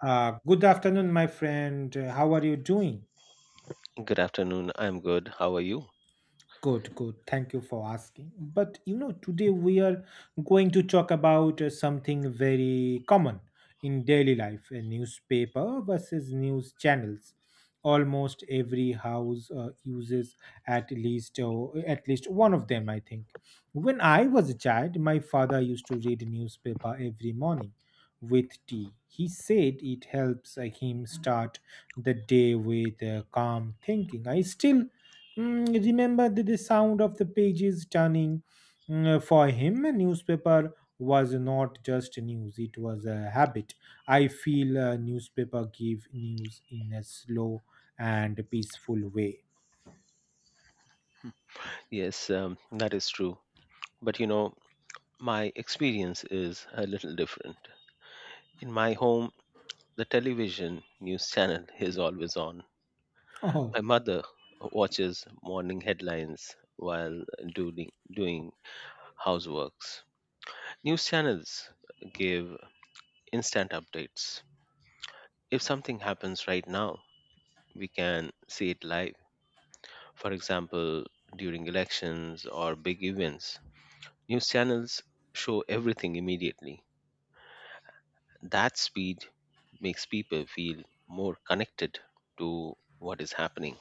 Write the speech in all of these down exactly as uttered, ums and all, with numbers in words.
Uh, good afternoon, my friend. Uh, How are you doing? Good afternoon. I'm good. How are you? Good, good. Thank you for asking. But you know, today we are going to talk about uh, something very common in daily life, a newspaper versus news channels. Almost every house uh, uses at least uh, at least one of them, I think. When I was a child, my father used to read newspaper every morning with tea. He said it helps uh, him start the day with uh, calm thinking. I still Mm, remember the, the sound of the pages turning. Mm, for him a newspaper was not just news, it was a habit. I feel a newspaper gave news in a slow and peaceful way. Yes, um, that is true. But you know, my experience is a little different. In my home, the television news channel is always on. Oh. My mother watches morning headlines while doing, doing houseworks. News channels give instant updates. If something happens right now, we can see it live. For example, during elections or big events, news channels show everything immediately. That speed makes people feel more connected to what is happening.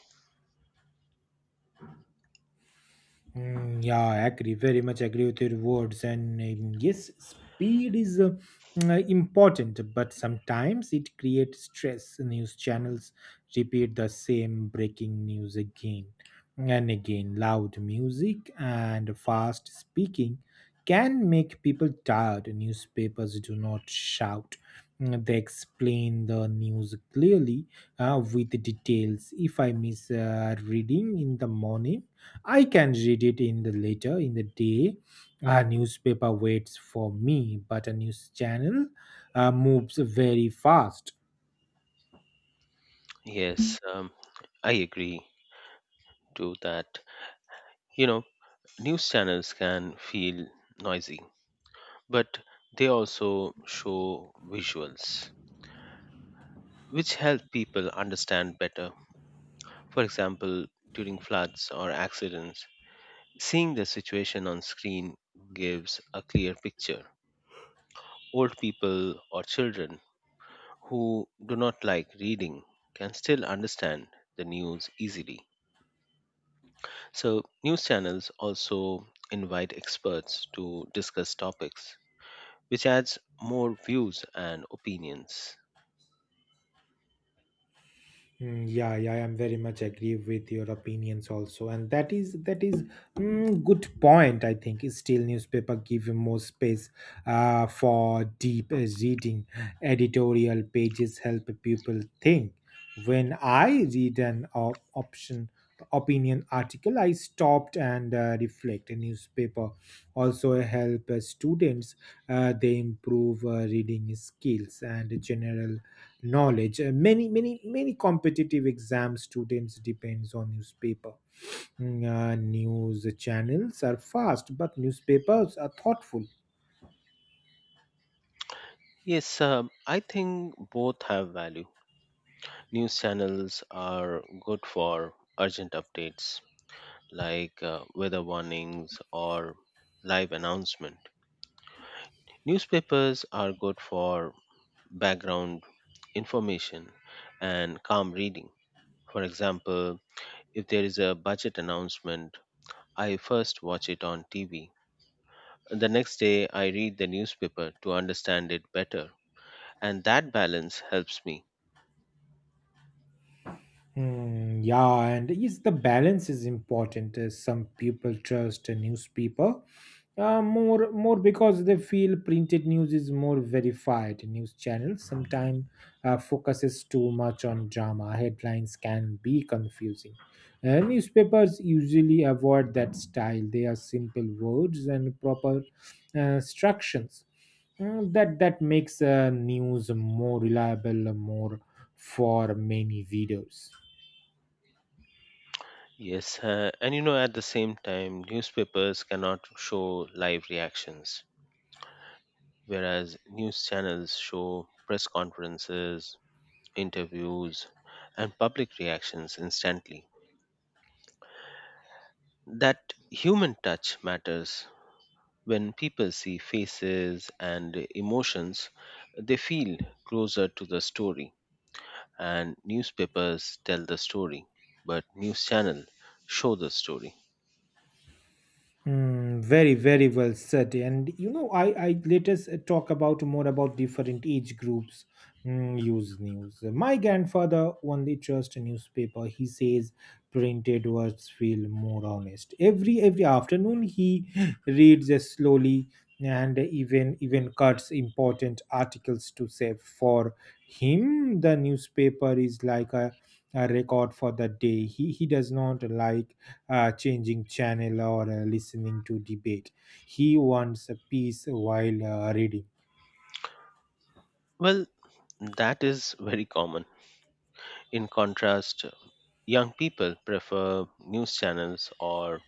Mm, yeah, I agree. Very much agree with your words. And um, yes, speed is uh, mm, uh, important, but sometimes it creates stress. News channels repeat the same breaking news again and again. Loud music and fast speaking can make people tired. Newspapers do not shout. Mm, They explain the news clearly uh, with details. If I miss uh, reading in the morning, I can read it in the later in the day. A newspaper waits for me, but a news channel uh, moves very fast. Yes, um, I agree to that. You know, news channels can feel noisy, but they also show visuals, which help people understand better. For example, during floods or accidents, seeing the situation on screen gives a clear picture. Old people or children who do not like reading can still understand the news easily. So, news channels also invite experts to discuss topics, which adds more views and opinions. Mm, Yeah, yeah, I am very much agree with your opinions also, and that is that is mm, good point. I think is still newspaper give you more space uh, for deep uh, reading. Editorial pages help people think. When I read an op- option opinion article, I stopped and uh, reflect. A newspaper also help uh, students. Uh, they improve uh, reading skills and general knowledge. Uh, many many many competitive exam students depends on newspaper. Mm, uh, news channels are fast but newspapers are thoughtful. Yes, um, I think both have value. News channels are good for urgent updates like uh, weather warnings or live announcement. Newspapers are good for background information and calm reading. For example, if there is a budget announcement, I first watch it on T V. The next day, I read the newspaper to understand it better. And that balance helps me. Mm, yeah, and is the balance is important. Uh, some people trust a newspaper uh, more more because they feel printed news is more verified. News channels sometimes uh, focuses too much on drama. Headlines can be confusing. Uh, newspapers usually avoid that style. They are simple words and proper uh, instructions. Mm, that that makes uh, news more reliable, more for many readers. Yes, uh, and you know, at the same time, newspapers cannot show live reactions, whereas news channels show press conferences, interviews, and public reactions instantly. That human touch matters. When people see faces and emotions, they feel closer to the story. And newspapers tell the story, but news channel show the story. Hmm. Very, very well said. And you know, I, I let us uh, talk about more about different age groups mm, use news. My grandfather only trust a newspaper. He says printed words feel more honest. Every every afternoon he reads uh, slowly and even even cuts important articles to save. For him, the newspaper is like a, a record for the day. He he does not like uh, changing channel or uh, listening to debate. He wants a peace while uh, reading. Well, that is very common. In contrast, young people prefer news channels or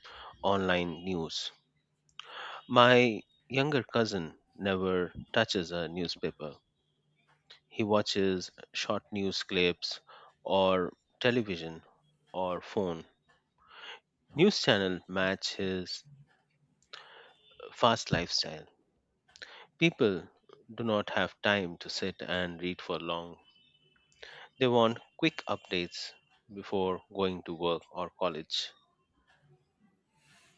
online news. My younger cousin never touches a newspaper. He watches short news clips or television or phone. News channel match his fast lifestyle. People do not have time to sit and read for long. They want quick updates before going to work or college.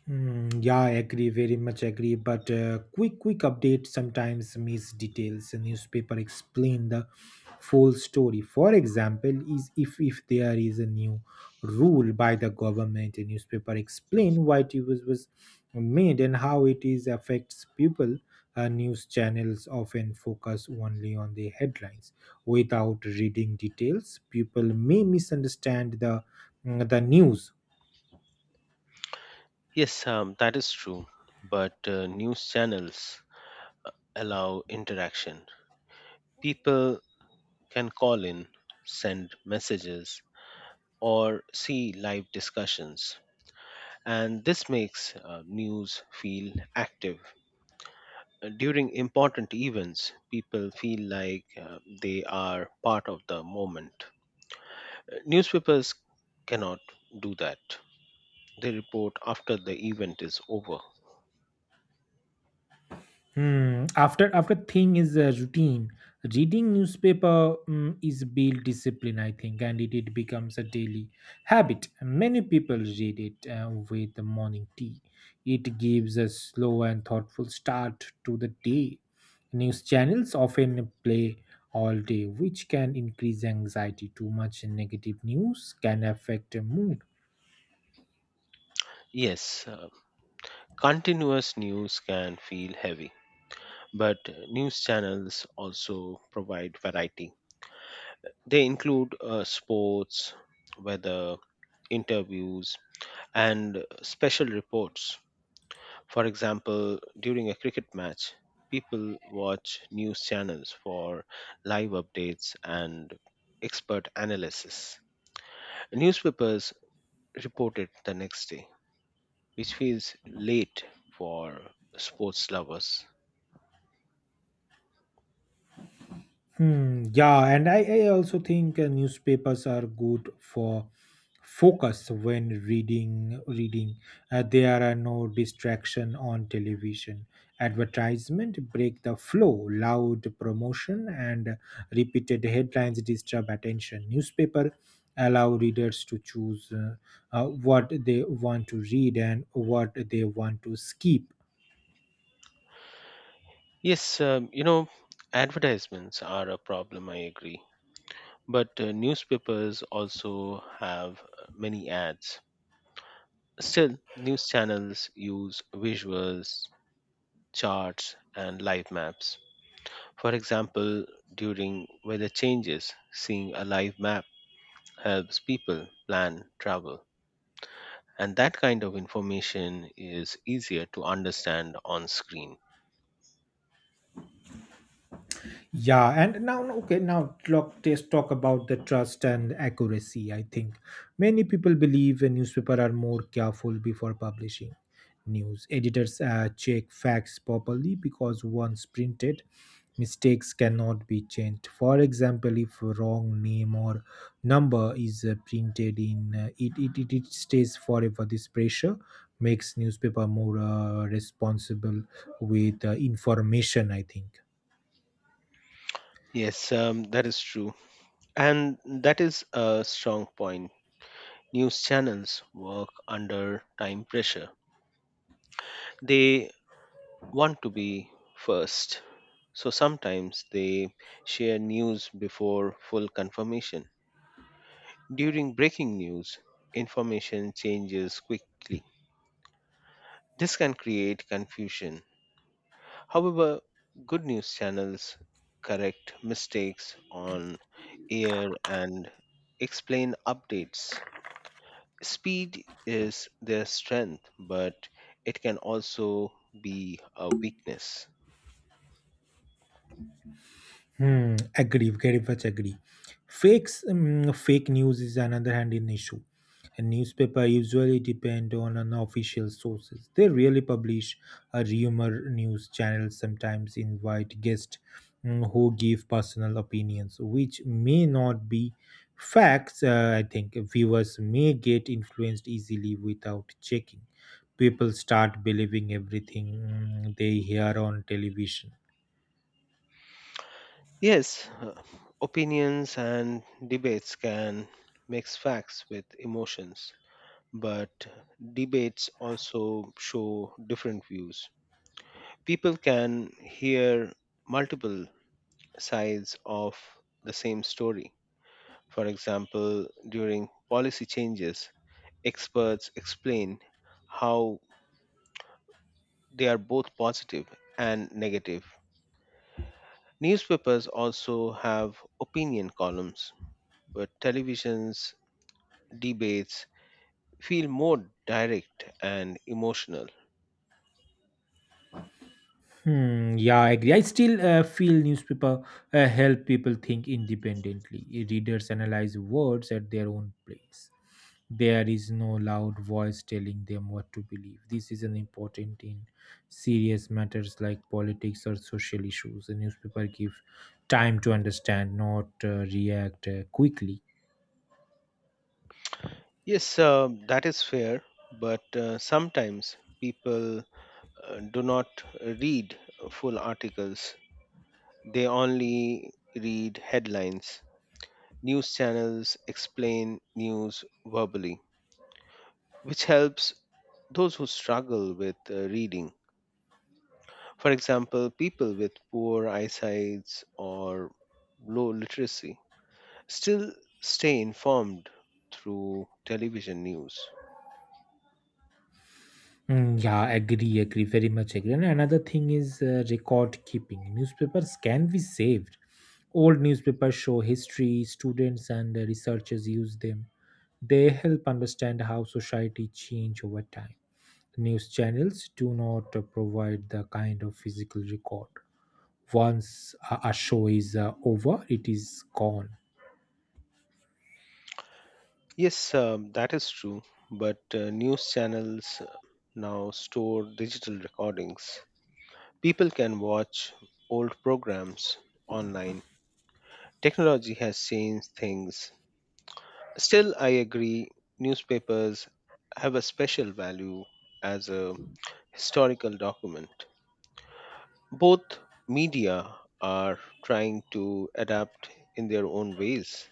Mm, yeah, I agree, very much agree. But uh, quick, quick update sometimes miss details. A newspaper explain the full story. For example, is if if there is a new rule by the government, a newspaper explain why it was was made and how it is affects people. Uh, news channels often focus only on the headlines without reading details. People may misunderstand the the news. Yes, um, that is true. But uh, news channels uh, allow interaction. People can call in, send messages, or see live discussions. And this makes uh, news feel active. Uh, during important events, people feel like uh, they are part of the moment. Uh, Newspapers cannot do that. They report after the event is over. Hmm. After after thing is a routine. Reading newspaper mm, is build discipline, I think, and it, it becomes a daily habit. Many people read it uh, with the morning tea. It gives a slow and thoughtful start to the day. News channels often play all day, which can increase anxiety. Too much negative news can affect a mood. Yes, uh, continuous news can feel heavy, but uh, news channels also provide variety. They include uh, sports, weather, interviews, and special reports. For example, during a cricket match, people watch news channels for live updates and expert analysis. Newspapers report it the next day, which feels late for sports lovers. Hmm, yeah, and I, I also think uh, newspapers are good for focus when reading reading. Uh, there are no distraction on television. Advertisement break the flow, loud promotion and repeated headlines disturb attention. Newspaper allow readers to choose uh, uh, what they want to read and what they want to skip. Yes, um, you know, advertisements are a problem, I agree. But uh, newspapers also have uh, many ads. Still, news channels use visuals, charts, and live maps. For example, during weather changes, seeing a live map helps people plan travel, and that kind of information is easier to understand on screen. Yeah, and now okay, now talk us talk about the trust and accuracy. I think many people believe a newspaper are more careful before publishing news. Editors uh, check facts properly because once printed, mistakes cannot be changed. For example, if a wrong name or number is uh, printed in uh, it, it, it, it stays forever. This pressure makes newspaper more uh, responsible with uh, information, I think. Yes, um, that is true. And that is a strong point. News channels work under time pressure, they want to be first. So sometimes they share news before full confirmation. During breaking news, information changes quickly. This can create confusion. However, good news channels correct mistakes on air and explain updates. Speed is their strength, but it can also be a weakness. Hmm, agree, very much agree. Fakes, um, fake news is another hand in issue. And newspaper usually depend on an official sources. They really publish a rumor. News channel sometimes invite guests um, who give personal opinions, which may not be facts. Uh, I think viewers may get influenced easily without checking. People start believing everything mm, they hear on television. Yes, uh, opinions and debates can mix facts with emotions, but debates also show different views. People can hear multiple sides of the same story. For example, during policy changes, experts explain how they are both positive and negative. Newspapers also have opinion columns, but television's debates feel more direct and emotional. Hmm, yeah, I agree. I still uh, feel newspaper uh, help people think independently. Readers analyze words at their own place. There is no loud voice telling them what to believe. This is an important in serious matters like politics or social issues. The newspaper give time to understand, not uh, react uh, quickly. Yes, um, that is fair, but uh, sometimes people uh, do not read full articles. They only read headlines. News channels explain news verbally, which helps those who struggle with uh, reading. For example, people with poor eyesight or low literacy still stay informed through television news. Mm, yeah, agree, agree, very much agree. And another thing is uh, record keeping. Newspapers can be saved. Old newspapers show history, students and uh, researchers use them. They help understand how society change over time. News channels do not uh, provide the kind of physical record. Once a, a show is uh, over, it is gone. Yes, um, that is true, but uh, news channels uh, now store digital recordings. People can watch old programs online. Technology has changed things. Still, I agree, newspapers have a special value as a historical document. Both media are trying to adapt in their own ways.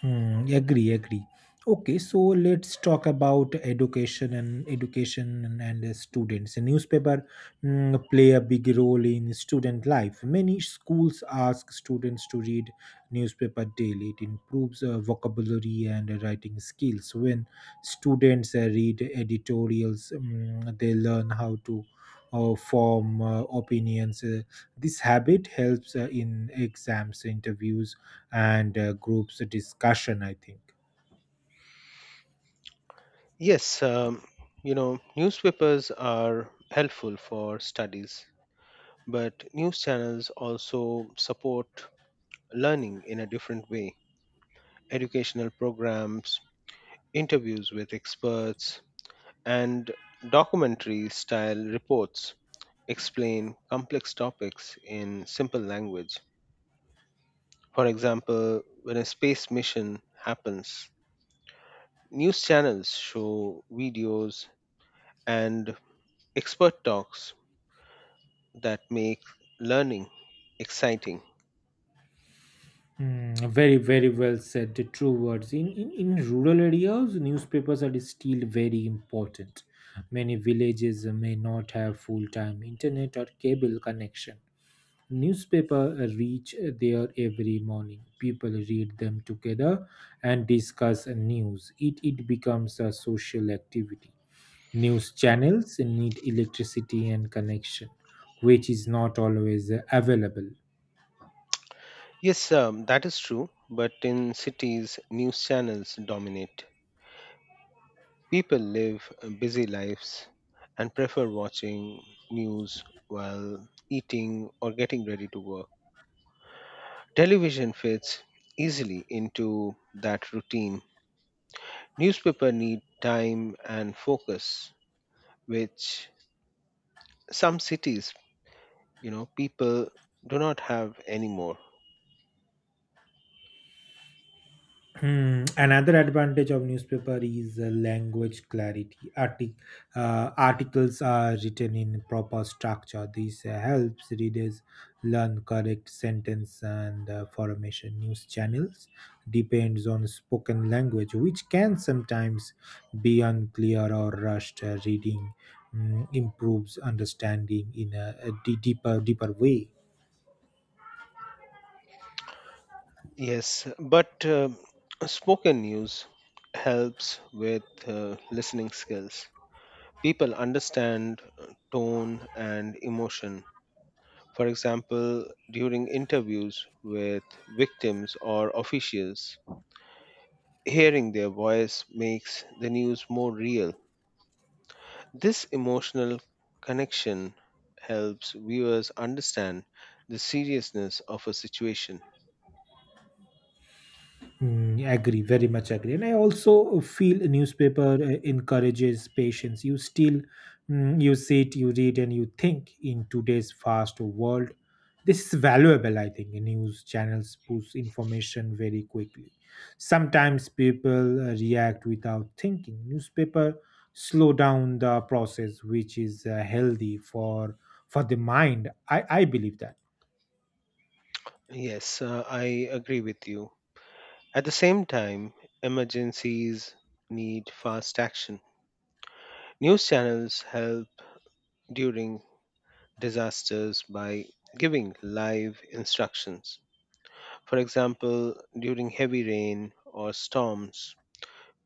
Hmm, agree, agree. Okay, so let's talk about education and education and, and the students. A newspaper mm, play a big role in student life. Many schools ask students to read newspaper daily. It improves uh, vocabulary and writing skills. When students uh, read editorials, mm, they learn how to uh, form uh, opinions. Uh, this habit helps uh, in exams, interviews, and uh, groups discussion, I think. Yes, um, you know, newspapers are helpful for studies. But news channels also support learning in a different way. Educational programs, interviews with experts, and documentary style reports explain complex topics in simple language. For example, when a space mission happens, news channels show videos and expert talks that make learning exciting. Hmm, very, very well said. The true words. In, in, in rural areas, newspapers are still very important. Many villages may not have full time internet or cable connection. Newspaper reach there every morning. People read them together and discuss news. It, it becomes a social activity. News channels need electricity and connection, which is not always available. Yes, um, that is true, but in cities, news channels dominate. People live uh, busy lives and prefer watching news while eating or getting ready to work. Television fits easily into that routine. Newspaper need time and focus, which some cities, you know, people do not have anymore. Hmm. Another advantage of newspaper is uh, language clarity. Artic- uh, articles are written in proper structure. This uh, helps readers learn correct sentence and uh, formation. News channels depends on spoken language, which can sometimes be unclear or rushed. Uh, reading mm, improves understanding in a, a de- deeper, deeper way. Yes, but uh, spoken news helps with uh, listening skills. People understand uh, tone and emotion. For example, during interviews with victims or officials, hearing their voice makes the news more real. This emotional connection helps viewers understand the seriousness of a situation. Mm, agree, very much agree. And I also feel a newspaper uh, encourages patience. You still, mm, you sit, you read, and you think in today's fast world. This is valuable, I think. News channels push information very quickly. Sometimes people uh, react without thinking. Newspaper slow down the process, which is uh, healthy for for the mind. I I believe that. Yes, uh, I agree with you. At the same time, emergencies need fast action. News channels help during disasters by giving live instructions. For example, during heavy rain or storms,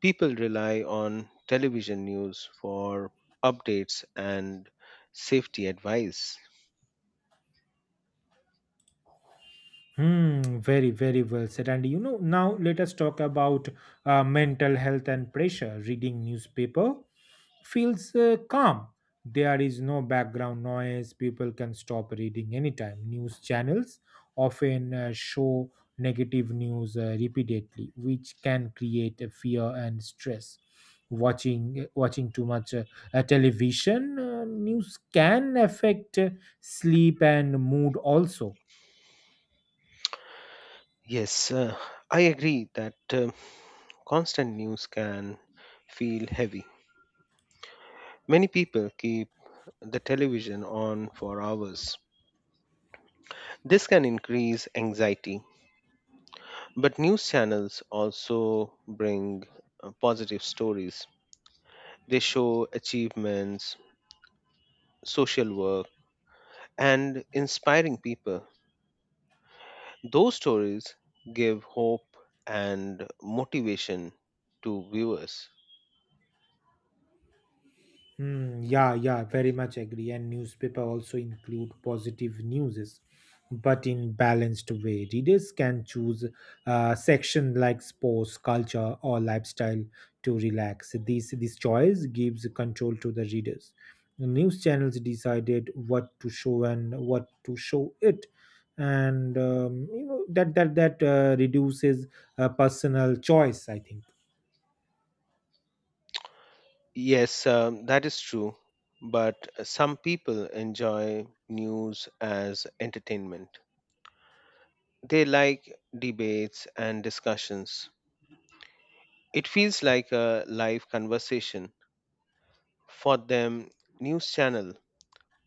people rely on television news for updates and safety advice. Hmm, very, very well said. And you know, now let us talk about uh, mental health and pressure. Reading newspaper feels uh, calm. There is no background noise. People can stop reading anytime. News channels often uh, show negative news uh, repeatedly, which can create a fear and stress. Watching uh, watching too much uh, uh, television uh, news can affect uh, sleep and mood also. Yes, uh, I agree that um, constant news can feel heavy. Many people keep the television on for hours. This can increase anxiety, but news channels also bring uh, positive stories. They show achievements, social work, and inspiring people. Those stories give hope and motivation to viewers. Hmm, yeah, yeah, very much agree. And newspaper also include positive news, but in balanced way. Readers can choose a section like sports, culture, or lifestyle to relax. This this choice gives control to the readers. The news channels decided what to show and what to show it, and um, you know that that that uh, reduces uh, personal choice, I think. Yes, um, that is true, but some people enjoy news as entertainment. They like debates and discussions. It feels like a live conversation. For them, news channel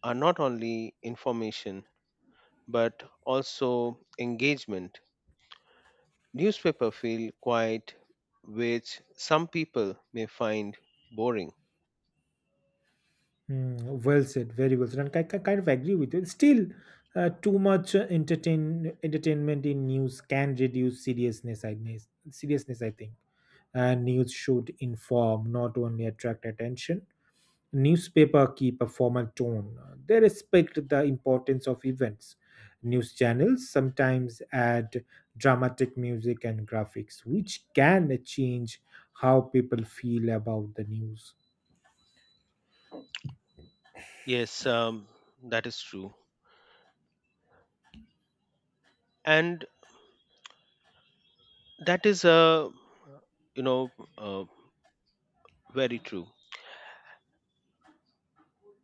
are not only information but also engagement. Newspaper feel quite, which some people may find boring. Hmm. Well said, very well said, and I, ki- kind of agree with you. Still, uh, too much uh, entertain entertainment in news can reduce seriousness. I guess- seriousness, I think, and news should inform, not only attract attention. Newspaper keep a formal tone. They respect the importance of events. News channels sometimes add dramatic music and graphics, which can change how people feel about the news. Yes, um, that is true. And that is a, you know uh, very true,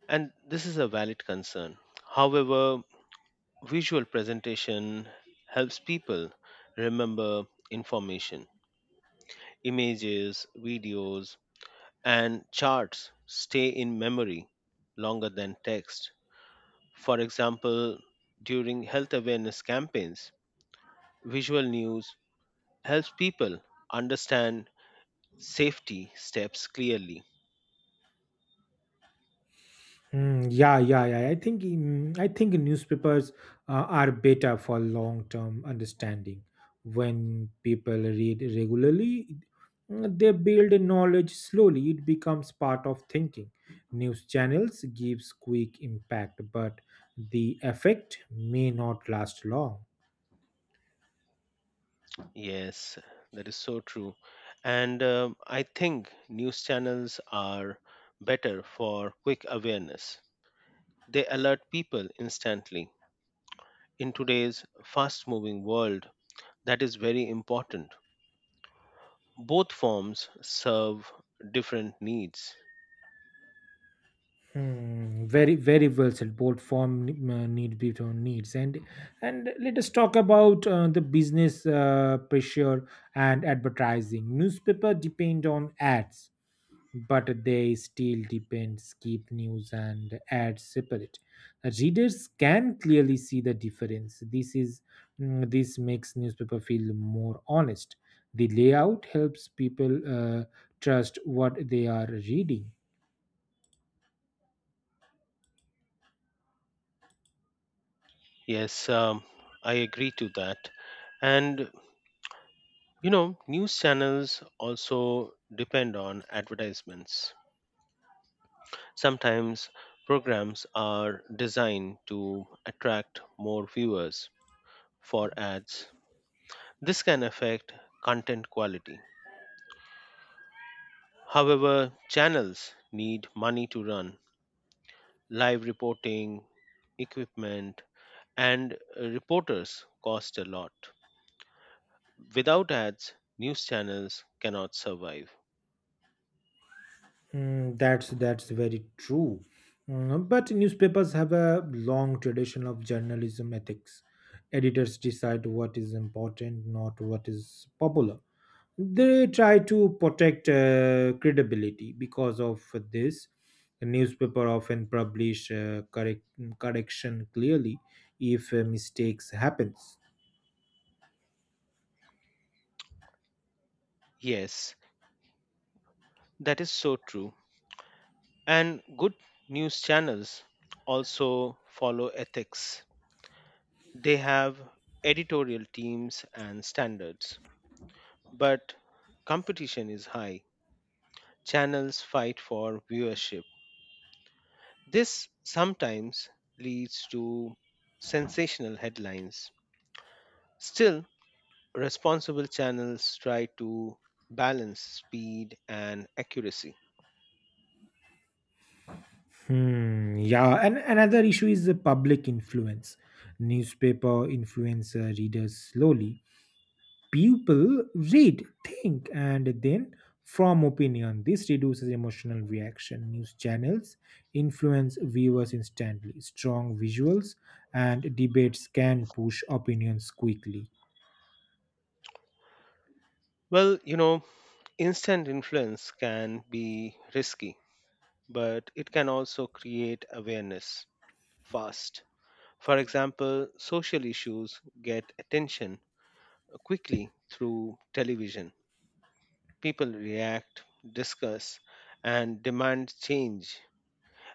and this is a valid concern. However, visual presentation helps people remember information. Images, videos, and charts stay in memory longer than text. For example, during health awareness campaigns, visual news helps people understand safety steps clearly. Mm, yeah, yeah, yeah. I think mm, I think newspapers uh, are better for long-term understanding. When people read regularly, mm, they build knowledge slowly. It becomes part of thinking. News channels gives quick impact, but the effect may not last long. Yes, that is so true. And um, I think news channels are better for quick awareness. They alert people instantly. In today's fast moving world, that is very important. Both forms serve different needs. Hmm, very very well said. Both form uh, need different needs, and and let us talk about uh, the business uh, pressure and advertising. Newspaper depend on ads but they still depend, keep news and ads separate. Readers can clearly see the difference. This is mm, this makes newspaper feel more honest. The layout helps people uh, trust what they are reading. Yes, um, I agree to that. And you know, news channels also depend on advertisements. Sometimes programs are designed to attract more viewers for ads. This can affect content quality. However, channels need money to run. Live reporting, equipment, and uh, reporters cost a lot. Without ads, news channels cannot survive. Mm, that's that's very true. Mm, but newspapers have a long tradition of journalism ethics. Editors decide what is important, not what is popular. They try to protect uh, credibility. Because of this, the newspaper often publish uh, correct correction clearly if uh, mistakes happens. Yes, that is so true. And good news channels also follow ethics. They have editorial teams and standards. But competition is high. Channels fight for viewership. This sometimes leads to sensational headlines. Still, responsible channels try to balance speed and accuracy. Hmm, yeah, and another issue is the public influence. Newspaper influence uh, readers slowly. People read, think, and then form opinion. This reduces emotional reaction. News channels influence viewers instantly. Strong visuals and debates can push opinions quickly. Well, you know, instant influence can be risky, but it can also create awareness fast. For example, social issues get attention quickly through television. People react, discuss, and demand change,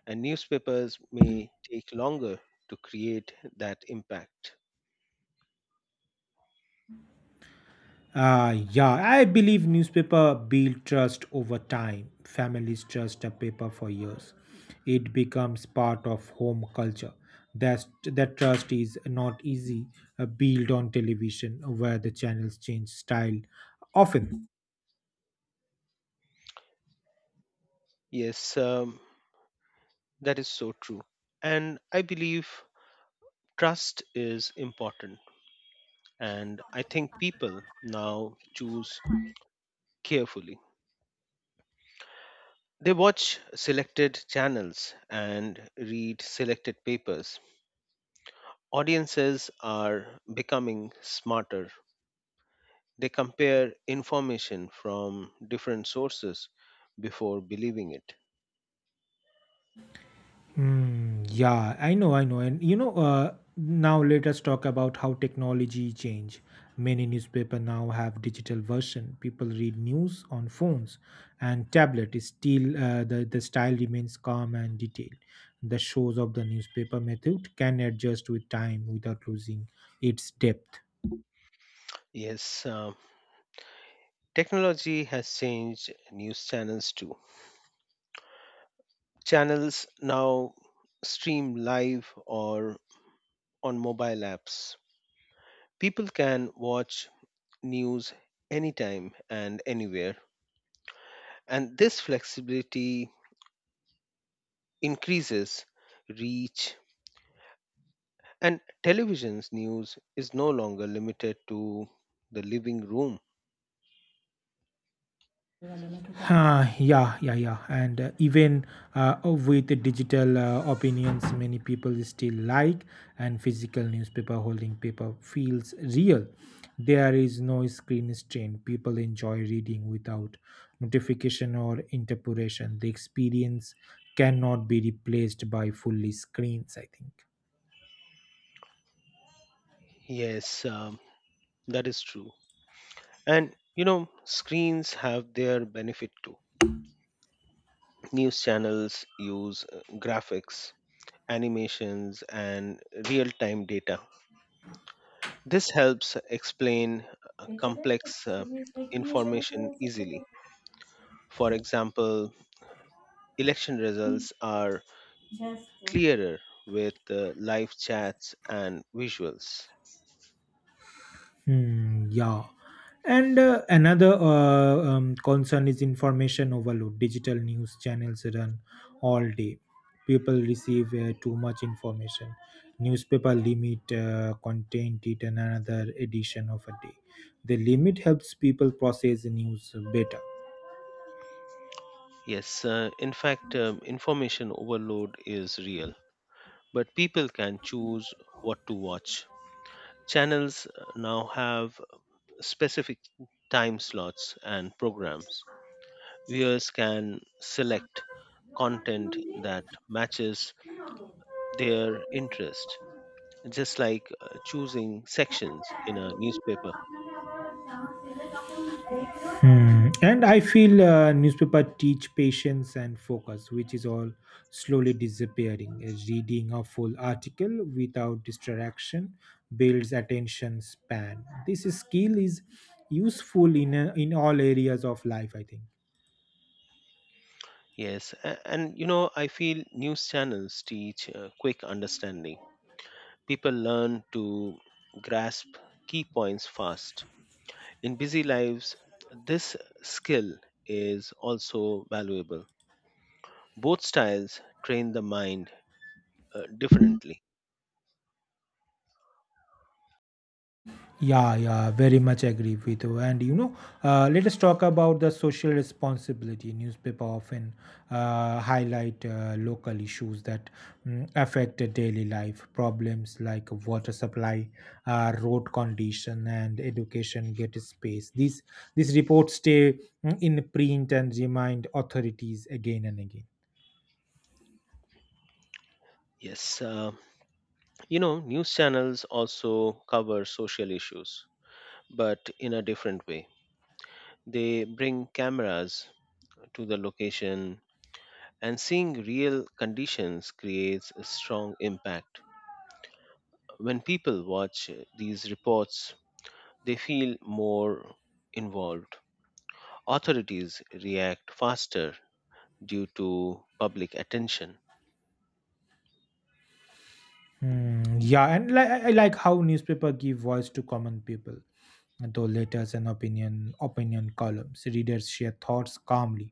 and newspapers may take longer to create that impact. Uh, yeah, I believe newspaper build trust over time. Families trust a paper for years. It becomes part of home culture. That that trust is not easy uh, build on television, where the channels change style often. Yes, um, that is so true. And I believe trust is important, and I think people now choose carefully. They watch selected channels and read selected papers. Audiences are becoming smarter. They compare information from different sources before believing it. Mm, yeah, I know, I know. And you know, uh, now let us talk about how technology change. Many newspaper now have digital version. People read news on phones and tablet. Is still uh, the the style remains calm and detailed. The shows of the newspaper method can adjust with time without losing its depth. Yes, uh, technology has changed news channels too. Channels now stream live or on mobile apps. People can watch news anytime and anywhere. And this flexibility increases reach. And television's news is no longer limited to the living room. Uh, yeah, yeah, yeah. And uh, even uh, with the digital uh, opinions, many people still like and physical newspaper holding paper feels real. There is no screen strain. People enjoy reading without notification or interpuration. The experience cannot be replaced by fully screens, I think. Yes, um, that is true. And you know, screens have their benefit too. News channels use uh, graphics, animations, and real time data. This helps explain uh, complex uh, So information easily. For example, election results are just. clearer with uh, live chats and visuals. Hmm, yeah. And uh, another uh, um, concern is information overload. Digital news channels run all day. People receive uh, too much information. Newspaper limit uh, content it in another edition of a day. The limit helps people process news better. Yes, uh, in fact, um, information overload is real, but people can choose what to watch. Channels uh, now have specific time slots and programs. Viewers can select content that matches their interest, just like uh, choosing sections in a newspaper. Hmm. And I feel uh, newspaper teach patience and focus, which is all slowly disappearing. Uh, Reading a full article without distraction builds attention span. This skill is useful in uh, in all areas of life, I think. Yes, a- and you know, I feel news channels teach uh, quick understanding. People learn to grasp key points fast. In busy lives, this skill is also valuable. Both styles train the mind uh, differently. Yeah, yeah, very much agree with you. And you know, uh, let us talk about the social responsibility. Newspaper often uh, highlight uh, local issues that mm, affect the daily life. Problems like water supply, uh, road condition, and education get space. These these reports stay mm, in print and remind authorities again and again. Yes, uh, you know, news channels also cover social issues, but in a different way. They bring cameras to the location, and seeing real conditions creates a strong impact. When people watch uh, these reports, they feel more involved. Authorities react faster due to public attention. Hmm, yeah, and like I I like how newspaper give voice to common people, though letters and opinion opinion columns. Readers share thoughts calmly.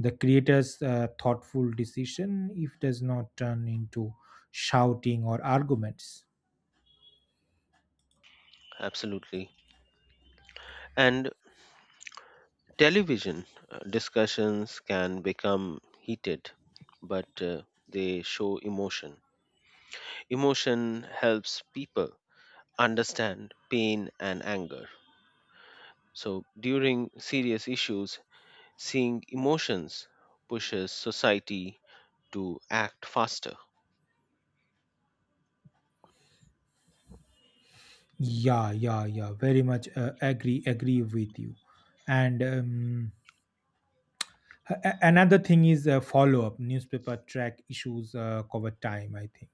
The creator's uh, thoughtful decision if does not turn into shouting or arguments. Absolutely. And television uh, discussions can become heated, but uh, they show emotion. Emotion helps people understand pain and anger. So during serious issues, seeing emotions pushes society to act faster. Yeah, yeah, yeah. Very much uh, agree agree with you. And um, a- a- another thing is uh, follow up. Newspaper track issues uh, cover time, I think.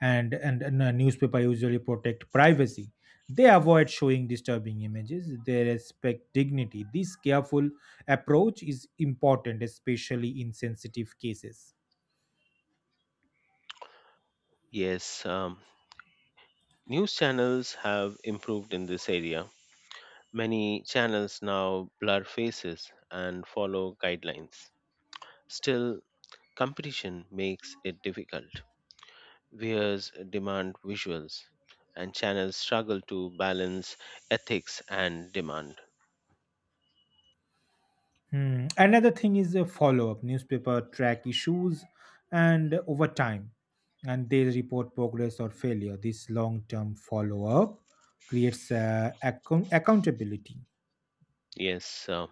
And and, and uh, Newspaper usually protect privacy, they avoid showing disturbing images, they respect dignity. This careful approach is important, especially in sensitive cases. Yes, um, news channels have improved in this area. Many channels now blur faces and follow guidelines. Still, competition makes it difficult. Viewers demand visuals, and channels struggle to balance ethics and demand. Hmm. Another thing is a follow up. Newspaper track issues and over time, and they report progress or failure. This long term follow up creates uh, account- accountability. Yes, uh,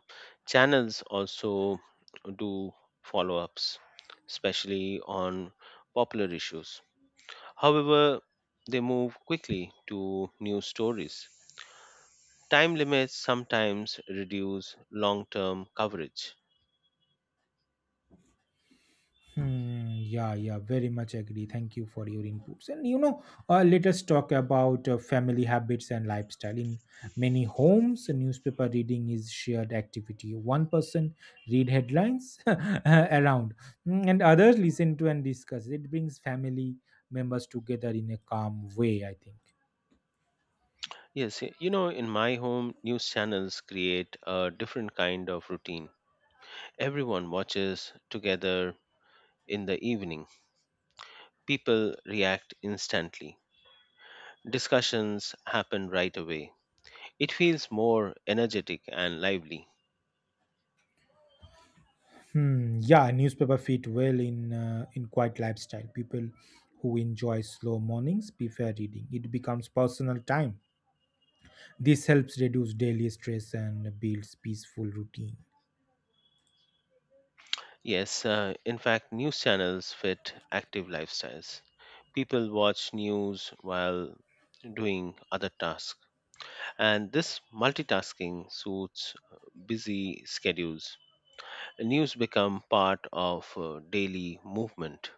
channels also do follow ups, especially on popular issues. However, they move quickly to new stories. Time limits sometimes reduce long term coverage. Hmm, yeah, yeah, very much agree. Thank you for your inputs. And you know, uh, let us talk about uh, family habits and lifestyle. In many homes, newspaper reading is shared activity. One person read headlines around, mm, and others listen to and discuss. It brings family members together in a calm way, I think. Yes, y- you know, in my home, news channels create a different kind of routine. Everyone watches together in the evening, people react instantly, discussions happen right away. It feels more energetic and lively. Hmm, yeah, newspaper fit well in uh, in quiet lifestyle. People who enjoy slow mornings prefer reading. It becomes personal time. This helps reduce daily stress and builds peaceful routine. Yes, uh, in fact, news channels fit active lifestyles. People watch news while doing other tasks, and this multitasking suits uh, busy schedules. News become part of uh, daily movement.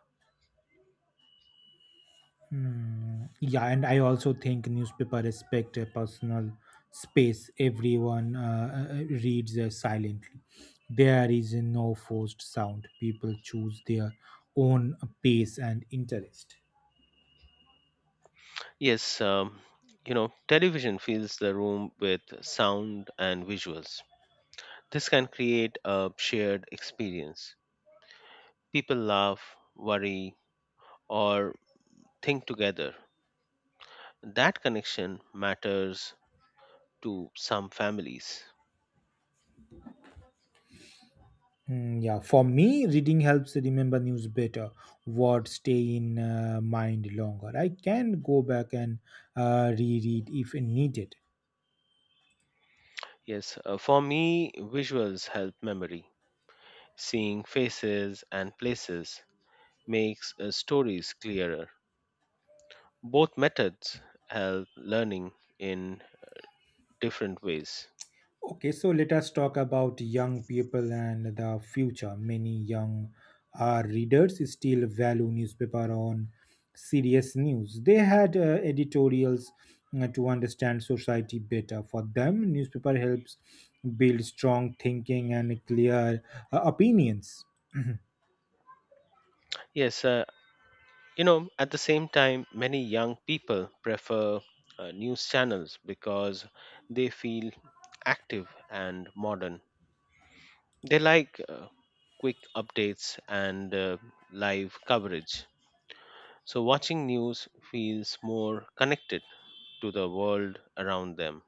Hmm. Yeah, and I also think newspaper respect a personal space. Everyone uh, uh, reads uh, silently. There is no forced sound. People choose their own pace and interest. Yes, um, you know, television fills the room with sound and visuals. This can create a shared experience. People laugh, worry, or think together. That connection matters to some families. Mm, yeah, for me, reading helps remember news better. Words stay in uh, mind longer. I can go back and uh, reread if needed. Yes, uh, for me, visuals help memory. Seeing faces and places makes uh, stories clearer. Both methods help learning in different ways. Okay, so let us talk about young people and the future. Many young uh, readers still value newspaper on serious news. They had uh, editorials uh, to understand society better. For them, newspaper helps build strong thinking and clear uh, opinions. Yes, uh, you know, at the same time, many young people prefer uh, news channels because they feel active and modern. They like uh, quick updates and uh, live coverage. So, watching news feels more connected to the world around them.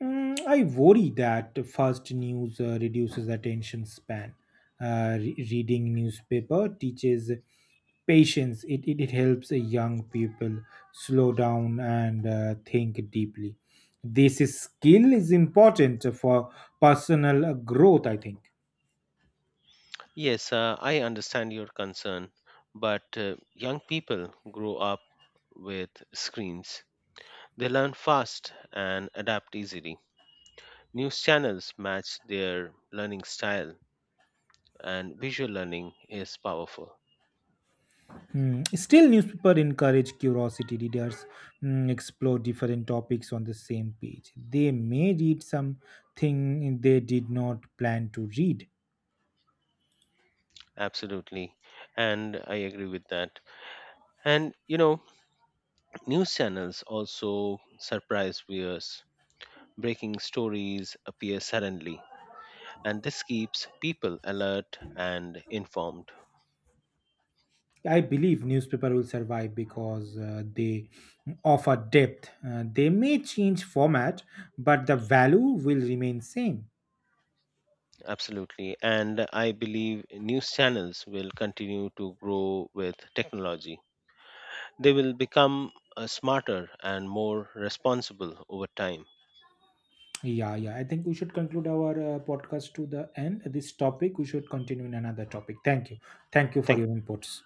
Mm, I worry that fast news uh, reduces attention span. Uh, re- reading newspaper teaches patience. It, it, it helps uh, young people slow down and uh, think deeply. This is skill is important for personal uh, growth, I think. Yes, uh, I understand your concern, but uh, young people grow up with screens. They learn fast and adapt easily. News channels match their learning style, and visual learning is powerful. Hmm. Still, newspaper encourage curiosity. Readers mm, explore different topics on the same page. They may read something they did not plan to read. Absolutely. And I agree with that. And you know, news channels also surprise viewers. Breaking stories appear suddenly, and this keeps people alert and informed. I believe newspaper will survive because uh, they offer depth. Uh, they may change format, but the value will remain same. Absolutely. And I believe news channels will continue to grow with technology. They will become uh, smarter and more responsible over time. Yeah, yeah. I think we should conclude our uh, podcast to the end. This topic we should continue in another topic. Thank you. Thank you for your Thank inputs.